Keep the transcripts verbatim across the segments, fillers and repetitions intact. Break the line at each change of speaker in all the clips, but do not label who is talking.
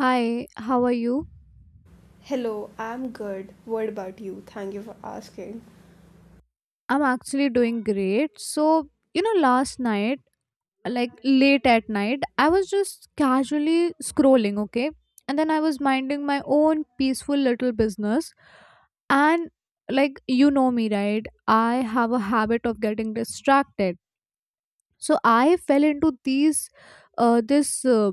Hi, how are you?
Hello, I'm good. What about you? Thank you for asking.
I'm actually doing great. So, you know, last night, like late at night, I was just casually scrolling, okay? And then I was minding my own peaceful little business. And, like, you know me, right? I have a habit of getting distracted. So I fell into these, uh, this uh,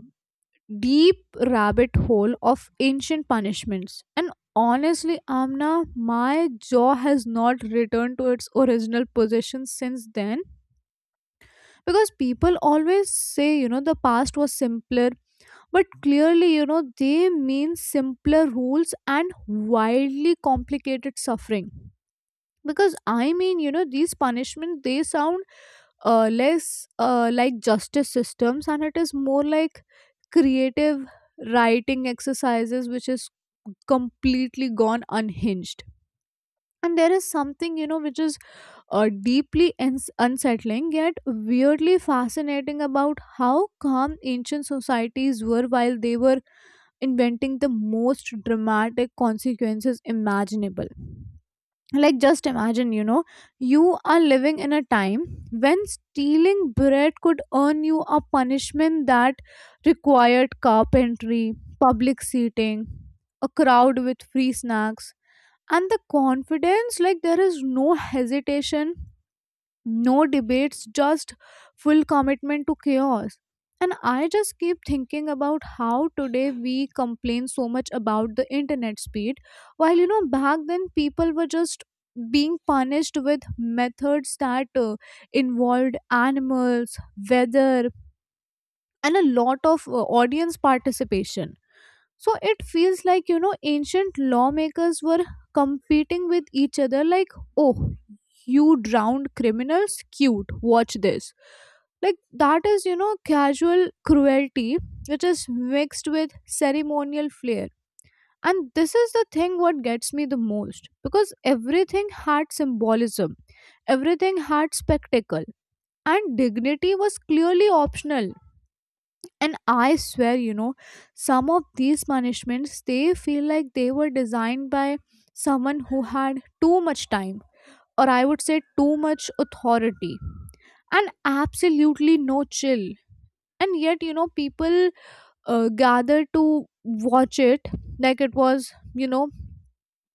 deep rabbit hole of ancient punishments. And honestly, Amna, my jaw has not returned to its original position since then because people always say, you know, the past was simpler, but clearly, you know, they mean simpler rules and wildly complicated suffering. Because I mean, you know, these punishments they sound uh, less uh, like justice systems, and it is more like creative writing exercises which is completely gone unhinged. And there is something, you know, which is uh, deeply uns- unsettling yet weirdly fascinating about how calm ancient societies were while they were inventing the most dramatic consequences imaginable. Like, just imagine, you know, you are living in a time when stealing bread could earn you a punishment that required carpentry, public seating, a crowd with free snacks, and the confidence. Like, there is no hesitation, no debates, just full commitment to chaos. And I just keep thinking about how today we complain so much about the internet speed, while, you know, back then people were just being punished with methods that uh, involved animals, weather, and a lot of uh, audience participation. So it feels like, you know, ancient lawmakers were competing with each other, like, oh, you drowned criminals, cute, watch this. Like, that is, you know, casual cruelty, which is mixed with ceremonial flair. And this is the thing what gets me the most, because everything had symbolism, everything had spectacle, and dignity was clearly optional. And I swear, you know, some of these punishments they feel like they were designed by someone who had too much time, or I would say too much authority, and absolutely no chill. And yet, you know, people uh, gather to watch it like it was, you know,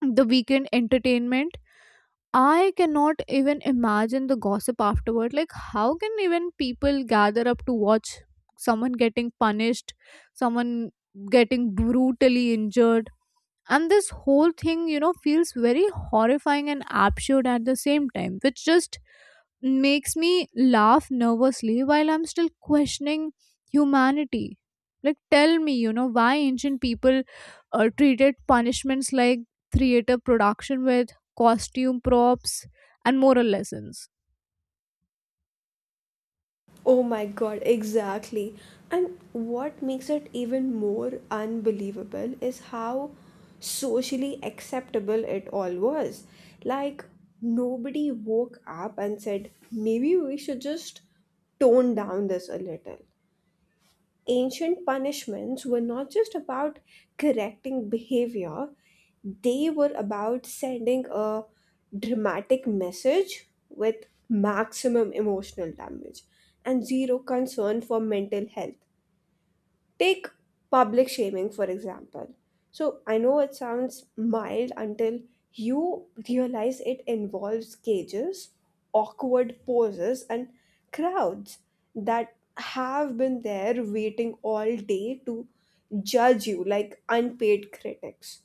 the weekend entertainment. I cannot even imagine the gossip afterward. Like, how can even people gather up to watch someone getting punished, someone getting brutally injured? And this whole thing, you know, feels very horrifying and absurd at the same time, which just makes me laugh nervously while I'm still questioning humanity. Like, tell me, you know, why ancient people uh, treated punishments like theater production with costume props and moral lessons.
Oh my god, exactly. And what makes it even more unbelievable is how socially acceptable it all was. Like, nobody woke up and said, maybe we should just tone down this a little. Ancient punishments were not just about correcting behavior, they were about sending a dramatic message with maximum emotional damage and zero concern for mental health. Take public shaming, for example. So I know it sounds mild until you realize it involves cages, awkward poses, and crowds that have been there waiting all day to judge you like unpaid critics.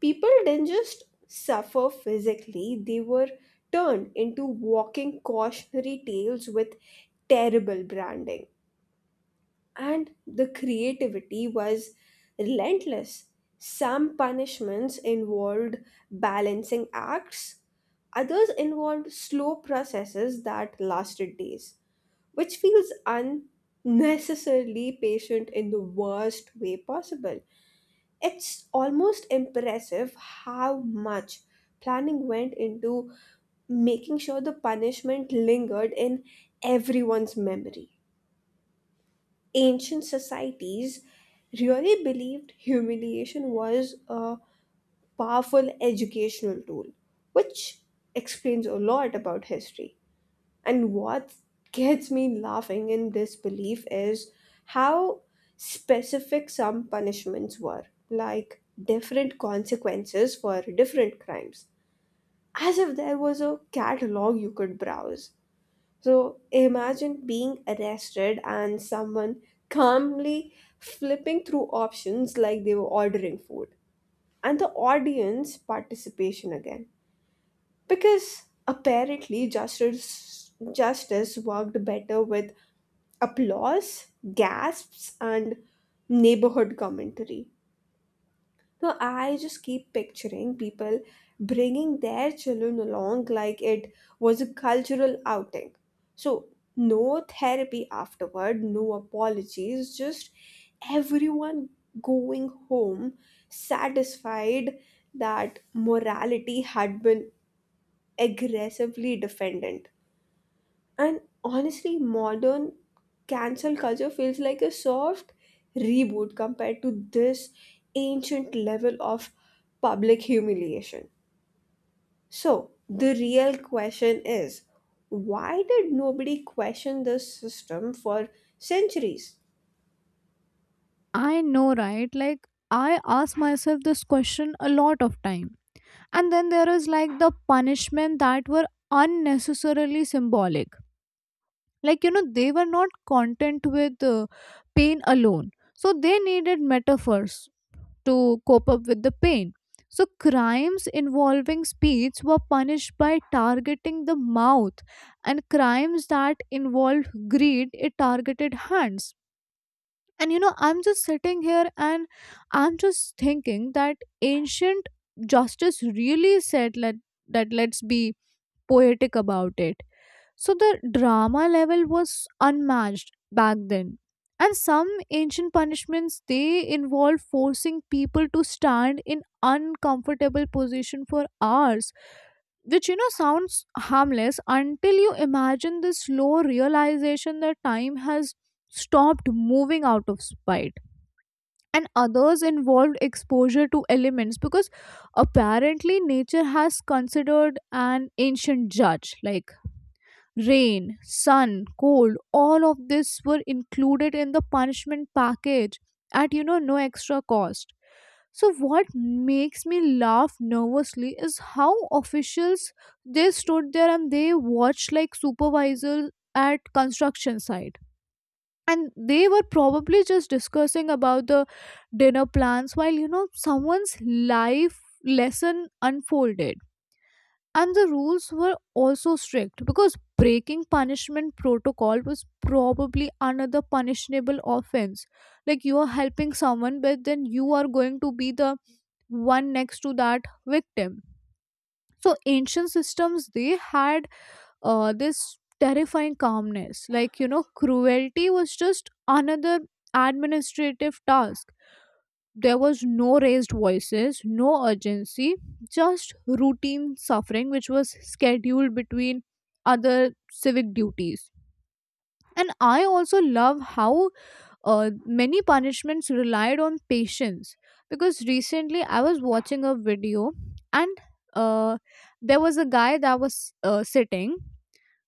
People didn't just suffer physically, they were turned into walking cautionary tales with terrible branding and the creativity was relentless. Some punishments involved balancing acts, others involved slow processes that lasted days, which feels unnecessarily patient in the worst way possible. It's almost impressive how much planning went into making sure the punishment lingered in everyone's memory. Ancient societies really believed humiliation was a powerful educational tool, which explains a lot about history. And what gets me laughing in this belief is how specific some punishments were, like different consequences for different crimes, as if there was a catalog you could browse. So imagine being arrested and someone calmly flipping through options like they were ordering food. And the audience participation again. Because apparently justice justice worked better with applause, gasps, and neighborhood commentary. So I just keep picturing people bringing their children along like it was a cultural outing. So, no therapy afterward, no apologies, just everyone going home satisfied that morality had been aggressively defended. And honestly, modern cancel culture feels like a soft reboot compared to this ancient level of public humiliation. So, the real question is, why did nobody question the system for centuries?
I know, right? Like, I ask myself this question a lot of time. And then there is like the punishment that were unnecessarily symbolic. Like, you know, they were not content with uh, pain alone. So they needed metaphors to cope up with the pain. So, crimes involving speech were punished by targeting the mouth, and crimes that involved greed, it targeted hands. And you know, I'm just sitting here and I'm just thinking that ancient justice really said let, that let's be poetic about it. So the drama level was unmatched back then. And some ancient punishments they involve forcing people to stand in uncomfortable position for hours, which, you know, sounds harmless until you imagine the slow realization that time has stopped moving out of spite. And others involved exposure to elements because apparently nature has considered an ancient judge. Like rain, sun, cold, all of this were included in the punishment package at, you know, no extra cost. So what makes me laugh nervously is how officials they stood there and they watched like supervisors at construction site, and they were probably just discussing about the dinner plans while, you know, someone's life lesson unfolded. And the rules were also strict because breaking punishment protocol was probably another punishable offense. Like, you are helping someone, but then you are going to be the one next to that victim. So ancient systems they had uh, this terrifying calmness, like, you know, cruelty was just another administrative task. There was no raised voices, no urgency, just routine suffering which was scheduled between other civic duties. And I also love how uh, many punishments relied on patience, because recently I was watching a video and uh, there was a guy that was uh, sitting.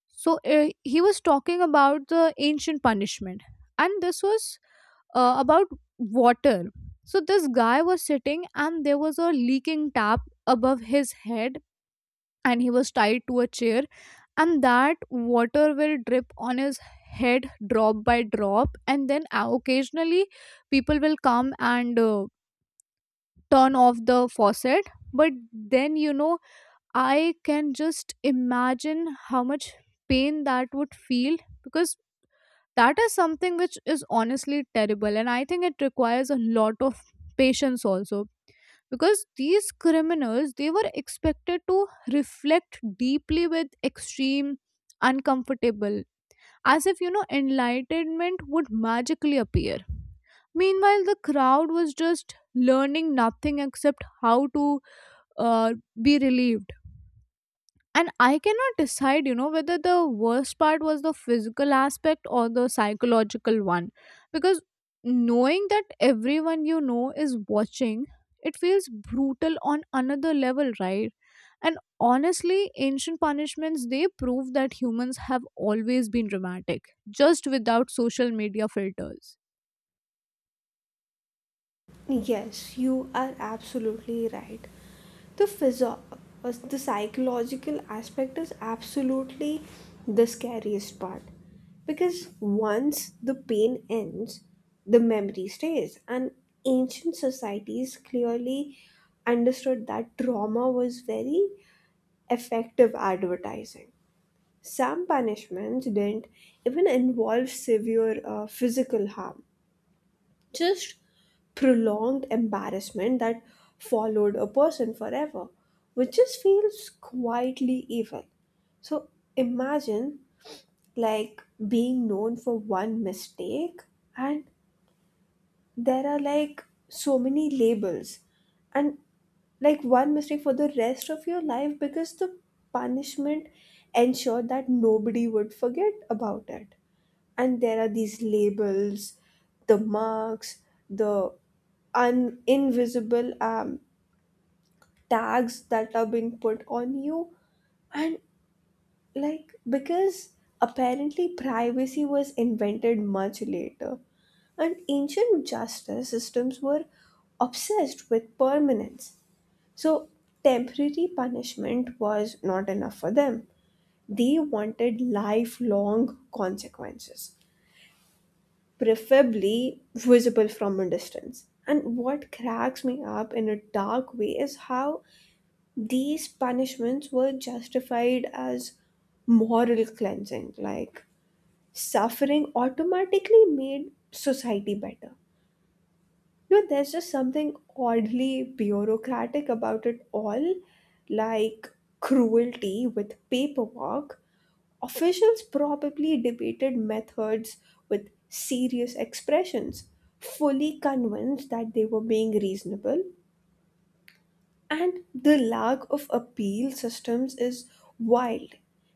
So uh, he was talking about the ancient punishment, and this was uh, about water. So this guy was sitting and there was a leaking tap above his head, and he was tied to a chair, and that water will drip on his head drop by drop, and then uh, occasionally people will come and uh, turn off the faucet. But then, you know, I can just imagine how much pain that would feel, because that is something which is honestly terrible, and I think it requires a lot of patience also, because these criminals they were expected to reflect deeply with extreme uncomfortable, as if, you know, enlightenment would magically appear. Meanwhile the crowd was just learning nothing except how to uh, be relieved. And I cannot decide, you know, whether the worst part was the physical aspect or the psychological one. Because knowing that everyone you know is watching, it feels brutal on another level, right? And honestly, ancient punishments they prove that humans have always been dramatic, just without social media filters.
Yes, you are absolutely right. The physio- uh, the psychological aspect is absolutely the scariest part because once the pain ends, the memory stays, and ancient societies clearly understood that trauma was very effective advertising. Some punishments didn't even involve severe uh, physical harm, just prolonged embarrassment that followed a person forever, which just feels quietly evil. So imagine like being known for one mistake, and there are like so many labels, and like one mistake for the rest of your life because the punishment ensured that nobody would forget about it. And there are these labels, the marks, the un- invisible um, tags that are being put on you. And like, because apparently privacy was invented much later, and ancient justice systems were obsessed with permanence. So, temporary punishment was not enough for them. They wanted lifelong consequences, preferably visible from a distance. And what cracks me up in a dark way is how these punishments were justified as moral cleansing, like suffering automatically made society better. You know, there's just something oddly bureaucratic about it all, like cruelty with paperwork. Officials probably debated methods with serious expressions, fully convinced that they were being reasonable. And the lack of appeal systems is wild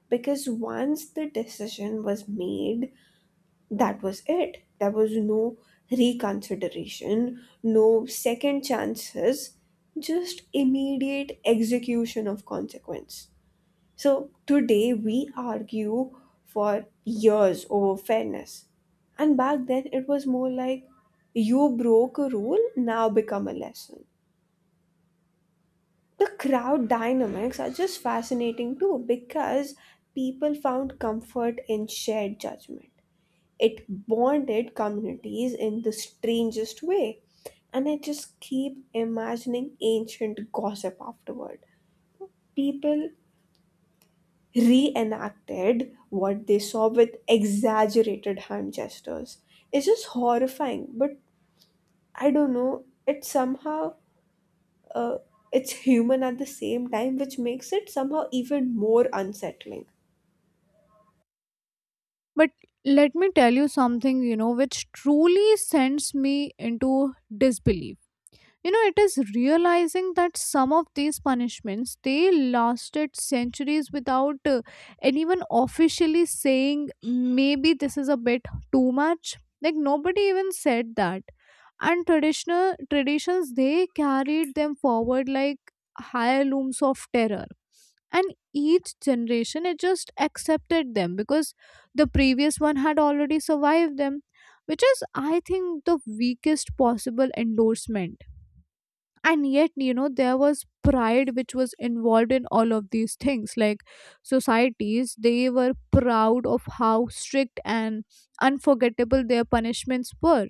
because once the decision was made, that was it. There was no reconsideration, no second chances, just immediate execution of consequence. So today we argue for years over fairness. And back then it was more like, you broke a rule, now become a lesson. The crowd dynamics are just fascinating too because people found comfort in shared judgment. It bonded communities in the strangest way. And I just keep imagining ancient gossip afterward. People reenacted what they saw with exaggerated hand gestures. It's just horrifying, but I don't know. It somehow uh, it's human at the same time, which makes it somehow even more unsettling.
But let me tell you something, you know, which truly sends me into disbelief. You know, it is realizing that some of these punishments they lasted centuries without uh, anyone officially saying maybe this is a bit too much. Like, nobody even said that. And traditional traditions they carried them forward like heirlooms of terror, and each generation it just accepted them because the previous one had already survived them, which is, I think, the weakest possible endorsement. And yet, you know, there was pride which was involved in all of these things. Like, societies they were proud of how strict and unforgettable their punishments were.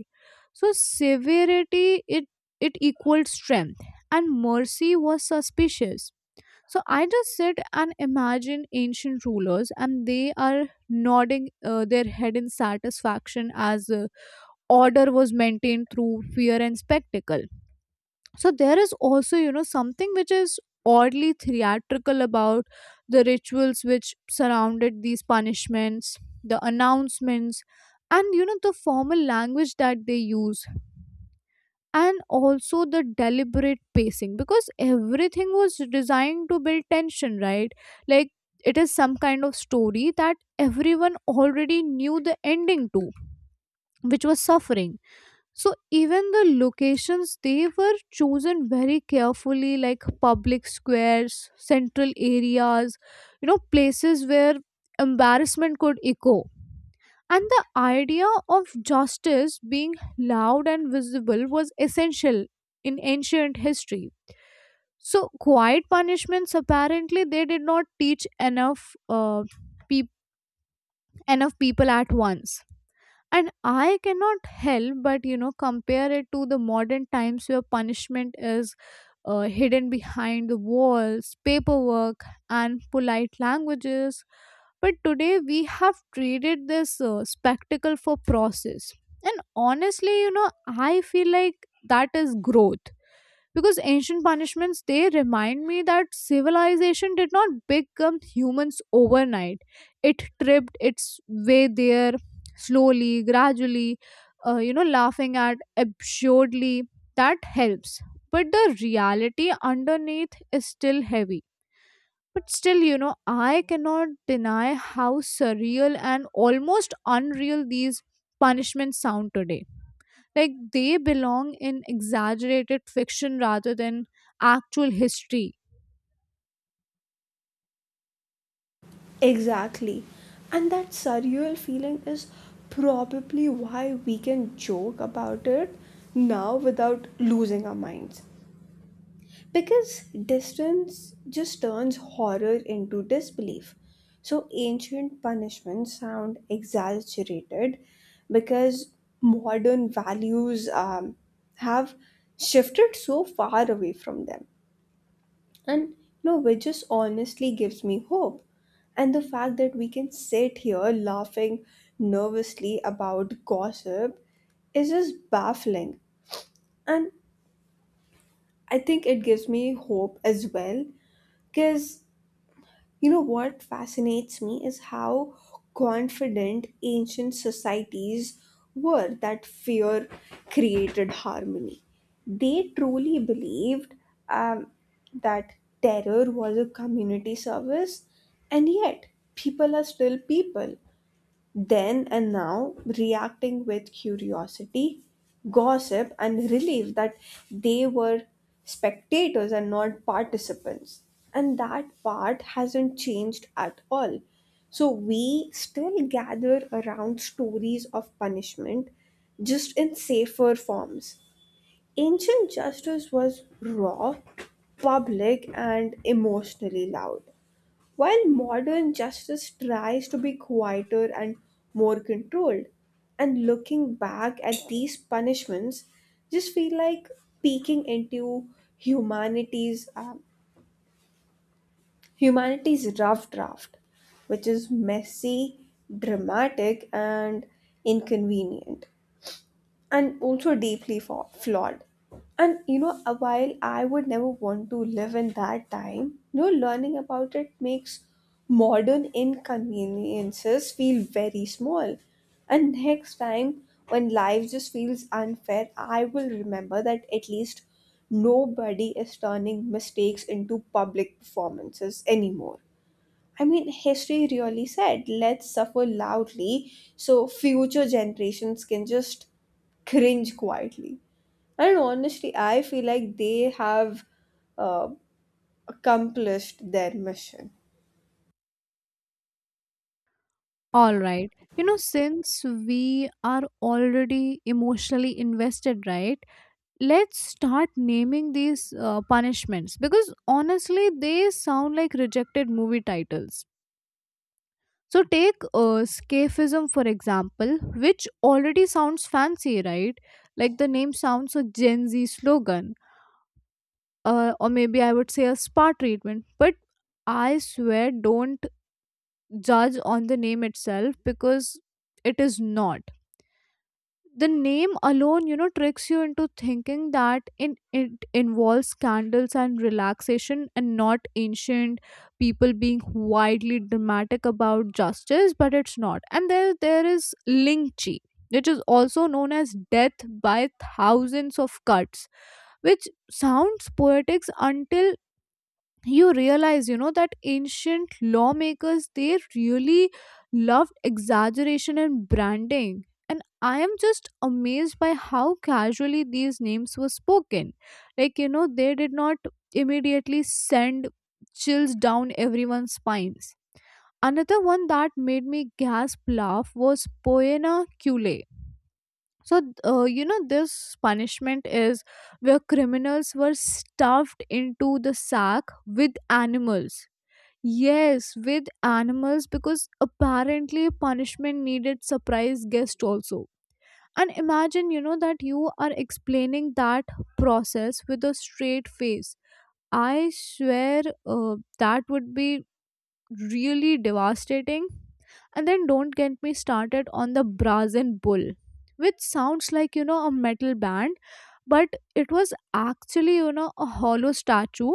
So severity, it it equaled strength, and mercy was suspicious. So I just sit and imagine ancient rulers, and they are nodding uh, their head in satisfaction as uh, order was maintained through fear and spectacle. So there is also, you know, something which is oddly theatrical about the rituals which surrounded these punishments, the announcements, and, you know, the formal language that they use, and also the deliberate pacing, because everything was designed to build tension, right? Like, it is some kind of story that everyone already knew the ending to, which was suffering. So even the locations they were chosen very carefully, like public squares, central areas, you know, places where embarrassment could echo. And the idea of justice being loud and visible was essential in ancient history. So quiet punishments apparently they did not teach enough uh, peop enough people at once. And I cannot help but, you know, compare it to the modern times where punishment is uh, hidden behind the walls, paperwork, and polite languages. But today we have traded this uh, spectacle for process. And honestly, you know, I feel like that is growth, because ancient punishments they remind me that civilization did not become humans overnight. It tripped its way there, slowly, gradually, uh, you know, laughing at absurdly, that helps, but the reality underneath is still heavy. But still, you know, I cannot deny how surreal and almost unreal these punishments sound today. Like, they belong in exaggerated fiction rather than actual history.
Exactly, and that surreal feeling is probably why we can joke about it now without losing our minds. Because distance just turns horror into disbelief. So ancient punishments sound exaggerated because modern values um, have shifted so far away from them. And you know, which just honestly gives me hope. And the fact that we can sit here laughing nervously about gossip is just baffling. And I think it gives me hope as well because you know what fascinates me is how confident ancient societies were that fear created harmony. They truly believed um, that terror was a community service, and yet people are still people then and now, reacting with curiosity, gossip, and relief that they were spectators and not participants. And that part hasn't changed at all. So we still gather around stories of punishment, just in safer forms. Ancient justice was raw, public, and emotionally loud. While modern justice tries to be quieter and more controlled, and looking back at these punishments just feel like peeking into humanity's um, humanity's rough draft, which is messy, dramatic, and inconvenient and also deeply fa- flawed. And you know, uh, while I would never want to live in that time, you know, learning about it makes modern inconveniences feel very small. And next time, when life just feels unfair, I will remember that at least nobody is turning mistakes into public performances anymore. I mean, history really said, let's suffer loudly so future generations can just cringe quietly. And honestly, I feel like they have uh, accomplished their mission.
All right, you know, since we are already emotionally invested, right, let's start naming these uh, punishments, because honestly they sound like rejected movie titles. So take uh, scafism for example, which already sounds fancy, right? Like the name sounds a Gen Z slogan, uh, or maybe I would say a spa treatment. But I swear, don't judge on the name itself, because it is not, the name alone, you know, tricks you into thinking that in, it involves scandals and relaxation and not ancient people being widely dramatic about justice. But it's not. And there there is lynching, which is also known as death by thousands of cuts, which sounds poetic until you realize, you know, that ancient lawmakers they really loved exaggeration and branding. And I am just amazed by how casually these names were spoken. Like, you know, they did not immediately send chills down everyone's spines. Another one that made me gasp laugh was poena cule. So uh, you know, this punishment is where criminals were stuffed into the sack with animals. Yes, with animals, because apparently punishment needed surprise guest also. And imagine, you know, that you are explaining that process with a straight face. I swear uh, that would be really devastating. And then don't get me started on the Brazen bull, which sounds like, you know, a metal band, but it was actually, you know, a hollow statue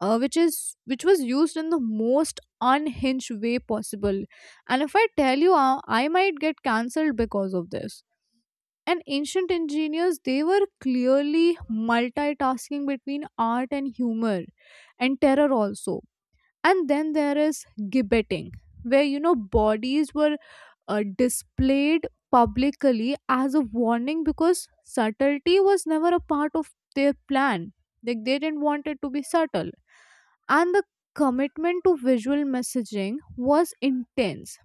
uh, which is which was used in the most unhinged way possible. And if I tell you, uh, I might get cancelled because of this. And ancient engineers, they were clearly multitasking between art and humor, and terror also. And then there is gibbeting, where you know bodies were uh, displayed publicly as a warning because subtlety was never a part of their plan. Like they didn't want it to be subtle. And the commitment to visual messaging was intense.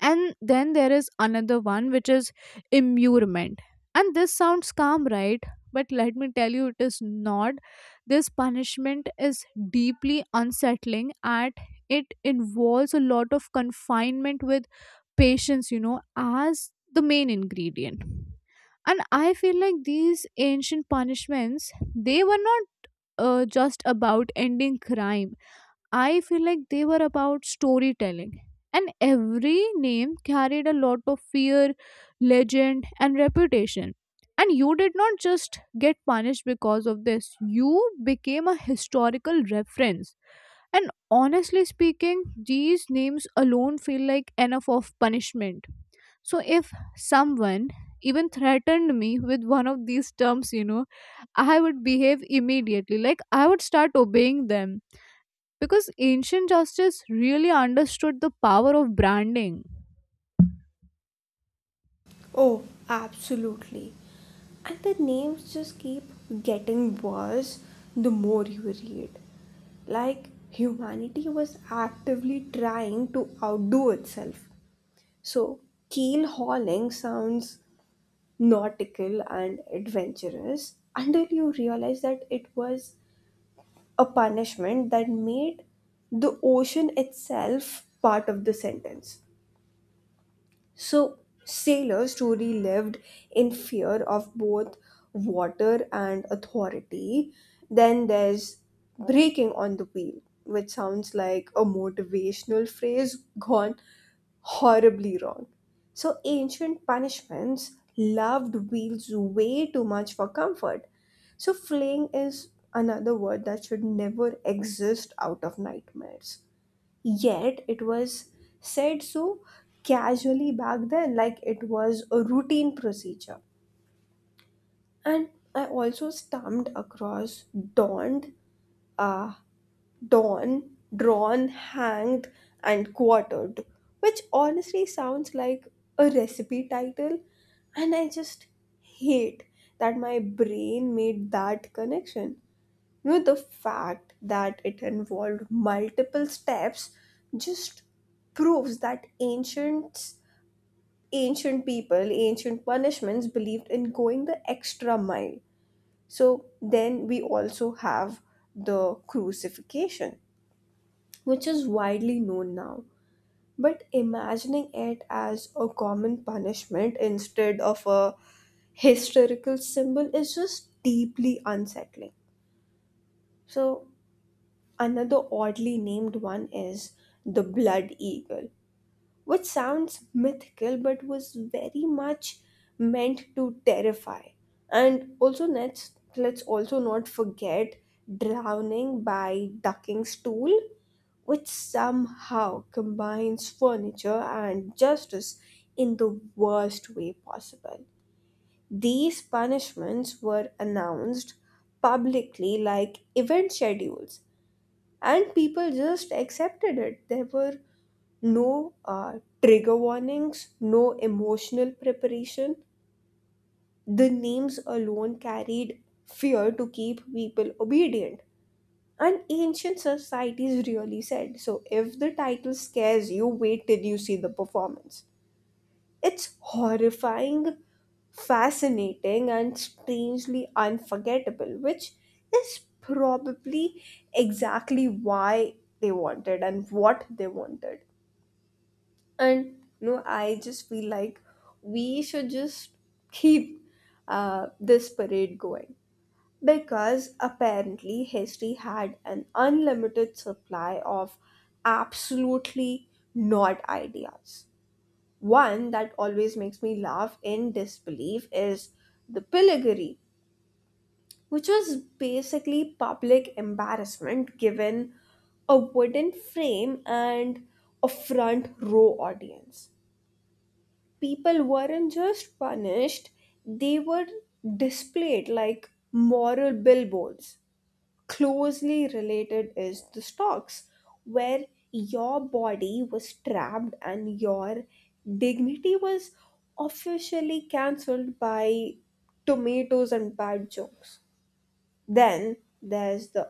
And then there is another one which is immurement. And this sounds calm, right? But let me tell you, it is not. This punishment is deeply unsettling, and it involves a lot of confinement with patience, you know, as the main ingredient. And I feel like these ancient punishments, they were not uh, just about ending crime. I feel like they were about storytelling. And every name carried a lot of fear, legend, and reputation. And you did not just get punished because of this, you became a historical reference. And honestly speaking, these names alone feel like enough of punishment. So if someone even threatened me with one of these terms, you know, I would behave immediately. Like I would start obeying them because ancient justice really understood the power of branding.
Oh, absolutely. And the names just keep getting worse the more you read. Like, humanity was actively trying to outdo itself. So, keel hauling sounds nautical and adventurous until you realize that it was a punishment that made the ocean itself part of the sentence. So, sailors truly lived in fear of both water and authority. Then there's breaking on the wheel, which sounds like a motivational phrase gone horribly wrong. So, ancient punishments loved wheels way too much for comfort. So, fleeing is another word that should never exist out of nightmares. Yet it was said so casually back then, like it was a routine procedure. And I also stumbled across donned, uh, dawn, drawn, hanged, and quartered, which honestly sounds like a recipe title. And I just hate that my brain made that connection. You know, the fact that it involved multiple steps just proves that ancient ancient people, ancient punishments believed in going the extra mile. So then we also have the crucifixion, which is widely known now. But imagining it as a common punishment instead of a historical symbol is just deeply unsettling. So another oddly named one is the blood eagle, which sounds mythical but was very much meant to terrify. And also, let's let's also not forget drowning by ducking stool, which somehow combines furniture and justice in the worst way possible. These punishments were announced publicly like event schedules and people just accepted it. There were no uh, trigger warnings, no emotional preparation. The names alone carried fear to keep people obedient. And ancient societies really said, so if the title scares you, wait till you see the performance. It's horrifying, fascinating, and strangely unforgettable, which is probably exactly why they wanted and what they wanted. And you know, I just feel like we should just keep uh, this parade going because apparently history had an unlimited supply of absolutely not ideas. One that always makes me laugh in disbelief is the pillory, which was basically public embarrassment given a wooden frame and a front row audience. People weren't just punished, they were displayed like moral billboards. Closely related is the stocks, where your body was trapped and your dignity was officially cancelled by tomatoes and bad jokes. Then there's the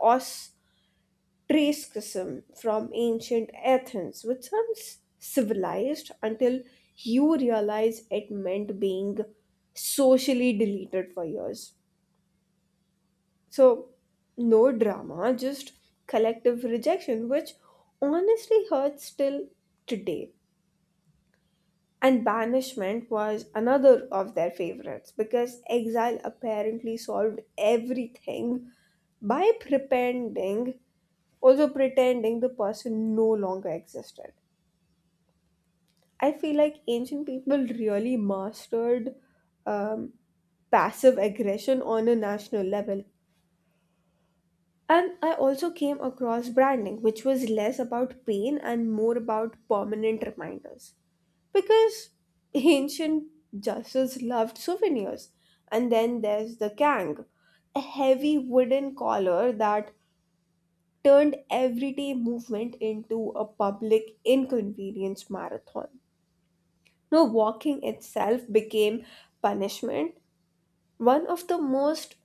ostracism from ancient Athens, which sounds civilized until you realize it meant being socially deleted for years. So, no drama, just collective rejection, which honestly hurts till today. And banishment was another of their favorites because exile apparently solved everything by pretending, also pretending the person no longer existed. I feel like ancient people really mastered um, passive aggression on a national level. And I also came across branding, which was less about pain and more about permanent reminders. Because ancient justice loved souvenirs. And then there's the kang, a heavy wooden collar that turned everyday movement into a public inconvenience marathon. No, walking itself became punishment. One of the most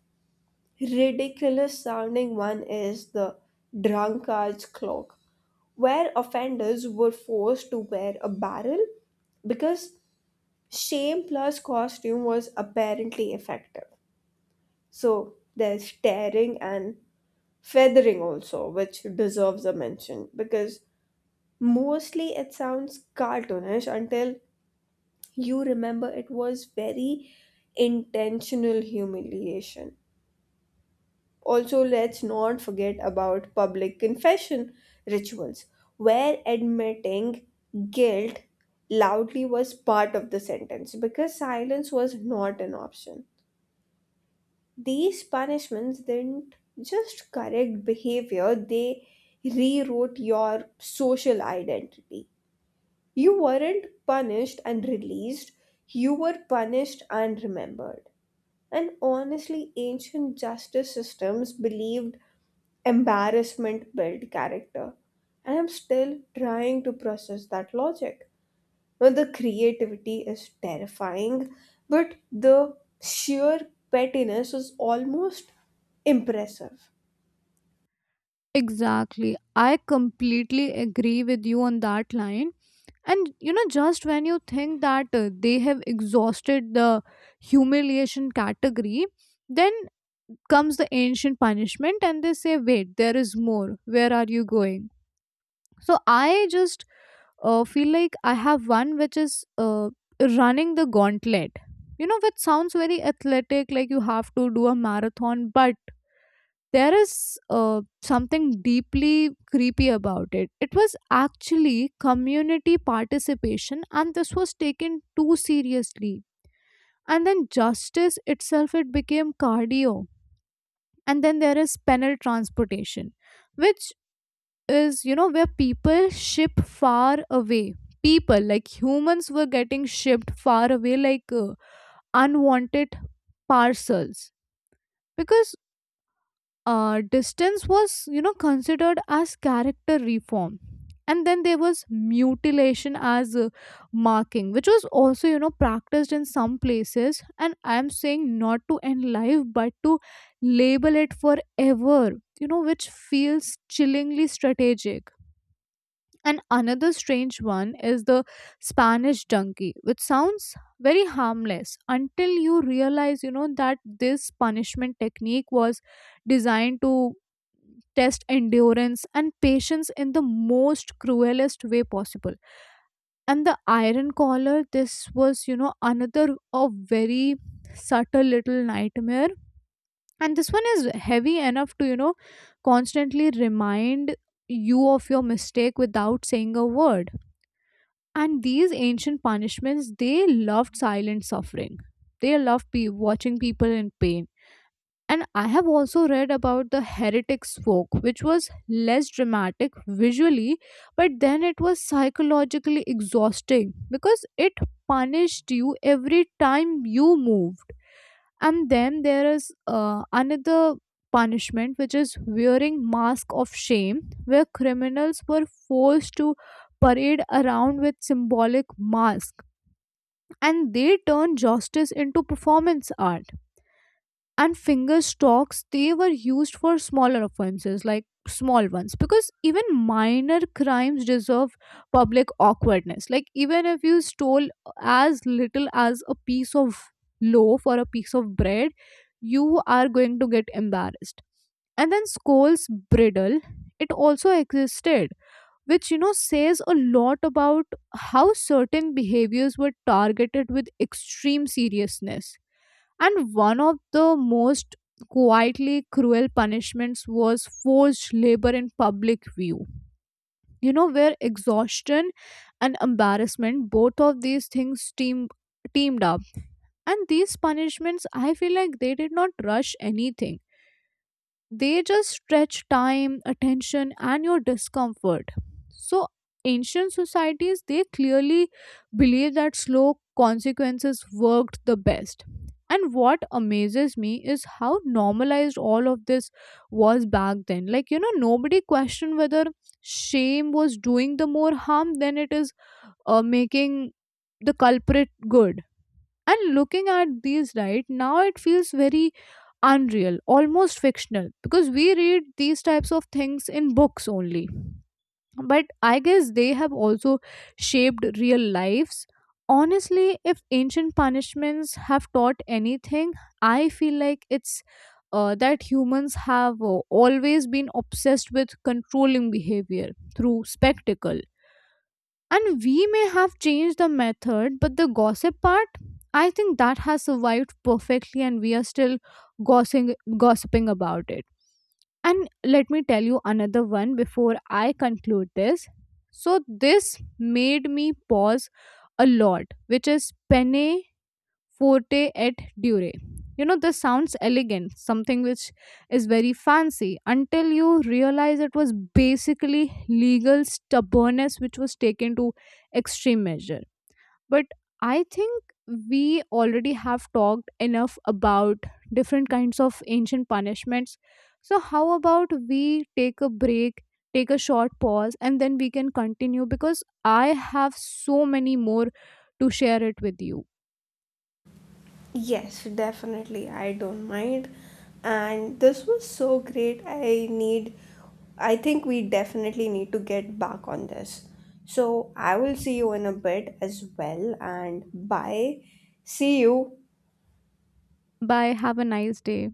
ridiculous sounding one is the drunkard's clock, where offenders were forced to wear a barrel because shame plus costume was apparently effective. So there's tearing and feathering also, which deserves a mention because mostly it sounds cartoonish until you remember it was very intentional humiliation. Also, let's not forget about public confession rituals, where admitting guilt loudly was part of the sentence because silence was not an option. These punishments didn't just correct behavior, they rewrote your social identity. You weren't punished and released, you were punished and remembered. And honestly, ancient justice systems believed embarrassment built character, and I'm still trying to process that logic. Now the creativity is terrifying, but the sheer pettiness is almost impressive.
Exactly. I completely agree with you on that line. And you know, just when you think that uh, they have exhausted the humiliation category, then comes the ancient punishment and they say, wait, there is more. Where are you going? So I just uh, feel like I have one which is uh, running the gauntlet. You know, which sounds very athletic, like you have to do a marathon, but there is uh, something deeply creepy about it. It was actually community participation, and this was taken too seriously. And then justice itself, it became cardio. And then there is penal transportation, which is, you know, where people ship far away, people like humans were getting shipped far away like uh, unwanted parcels because uh, distance was, you know, considered as character reform. And then there was mutilation as uh, marking, which was also, you know, practiced in some places, and I am saying not to end life but to label it forever, you know, which feels chillingly strategic. And another strange one is the Spanish donkey, which sounds very harmless until you realize, you know, that this punishment technique was designed to test endurance and patience in the most cruelest way possible. And the iron collar, this was, you know, another a very subtle little nightmare, and this one is heavy enough to, you know, constantly remind you of your mistake without saying a word. And these ancient punishments, they loved silent suffering. They loved pe- watching people in pain. And I have also read about the heretic's folk, which was less dramatic visually, but then it was psychologically exhausting because it punished you every time you move. And then there is uh, another punishment which is wearing mask of shame, where criminals were forced to parade around with symbolic mask, and they turned justice into performance art. And finger stocks, they were used for smaller offenses, like small ones, because even minor crimes deserve public awkwardness. Like even if you stole as little as a piece of loaf or a piece of bread, you are going to get embarrassed. And then Skoll's bridle, it also existed, which you know says a lot about how certain behaviors were targeted with extreme seriousness. And one of the most quietly cruel punishments was forced labor in public view. You know, where exhaustion and embarrassment, both of these things team, teamed up. And these punishments, I feel like they did not rush anything, they just stretch time, attention, and your discomfort. So, ancient societies, they clearly believe that slow consequences worked the best. And what amazes me is how normalized all of this was back then. Like, you know, nobody questioned whether shame was doing the more harm than it is uh, making the culprit good. And looking at these right now, it feels very unreal, almost fictional, because we read these types of things in books only, but I guess they have also shaped real lives. Honestly, if ancient punishments have taught anything, I feel like it's uh, that humans have uh, always been obsessed with controlling behavior through spectacle. And we may have changed the method, but the gossip part, I think that has survived perfectly, and we are still gossiping, gossiping about it. And let me tell you another one before I conclude this. So, this made me pause a lot, which is penne Forte et Dure. You know, this sounds elegant, something which is very fancy, until you realize it was basically legal stubbornness which was taken to extreme measure. But I think we already have talked enough about different kinds of ancient punishments. So, how about we take a break, take a short pause, and then we can continue because I have so many more to share it with you.
Yes, definitely, I don't mind. And this was so great. I need, I think we definitely need to get back on this. So I will see you in a bit as well, and bye. See you.
Bye. Have a nice day.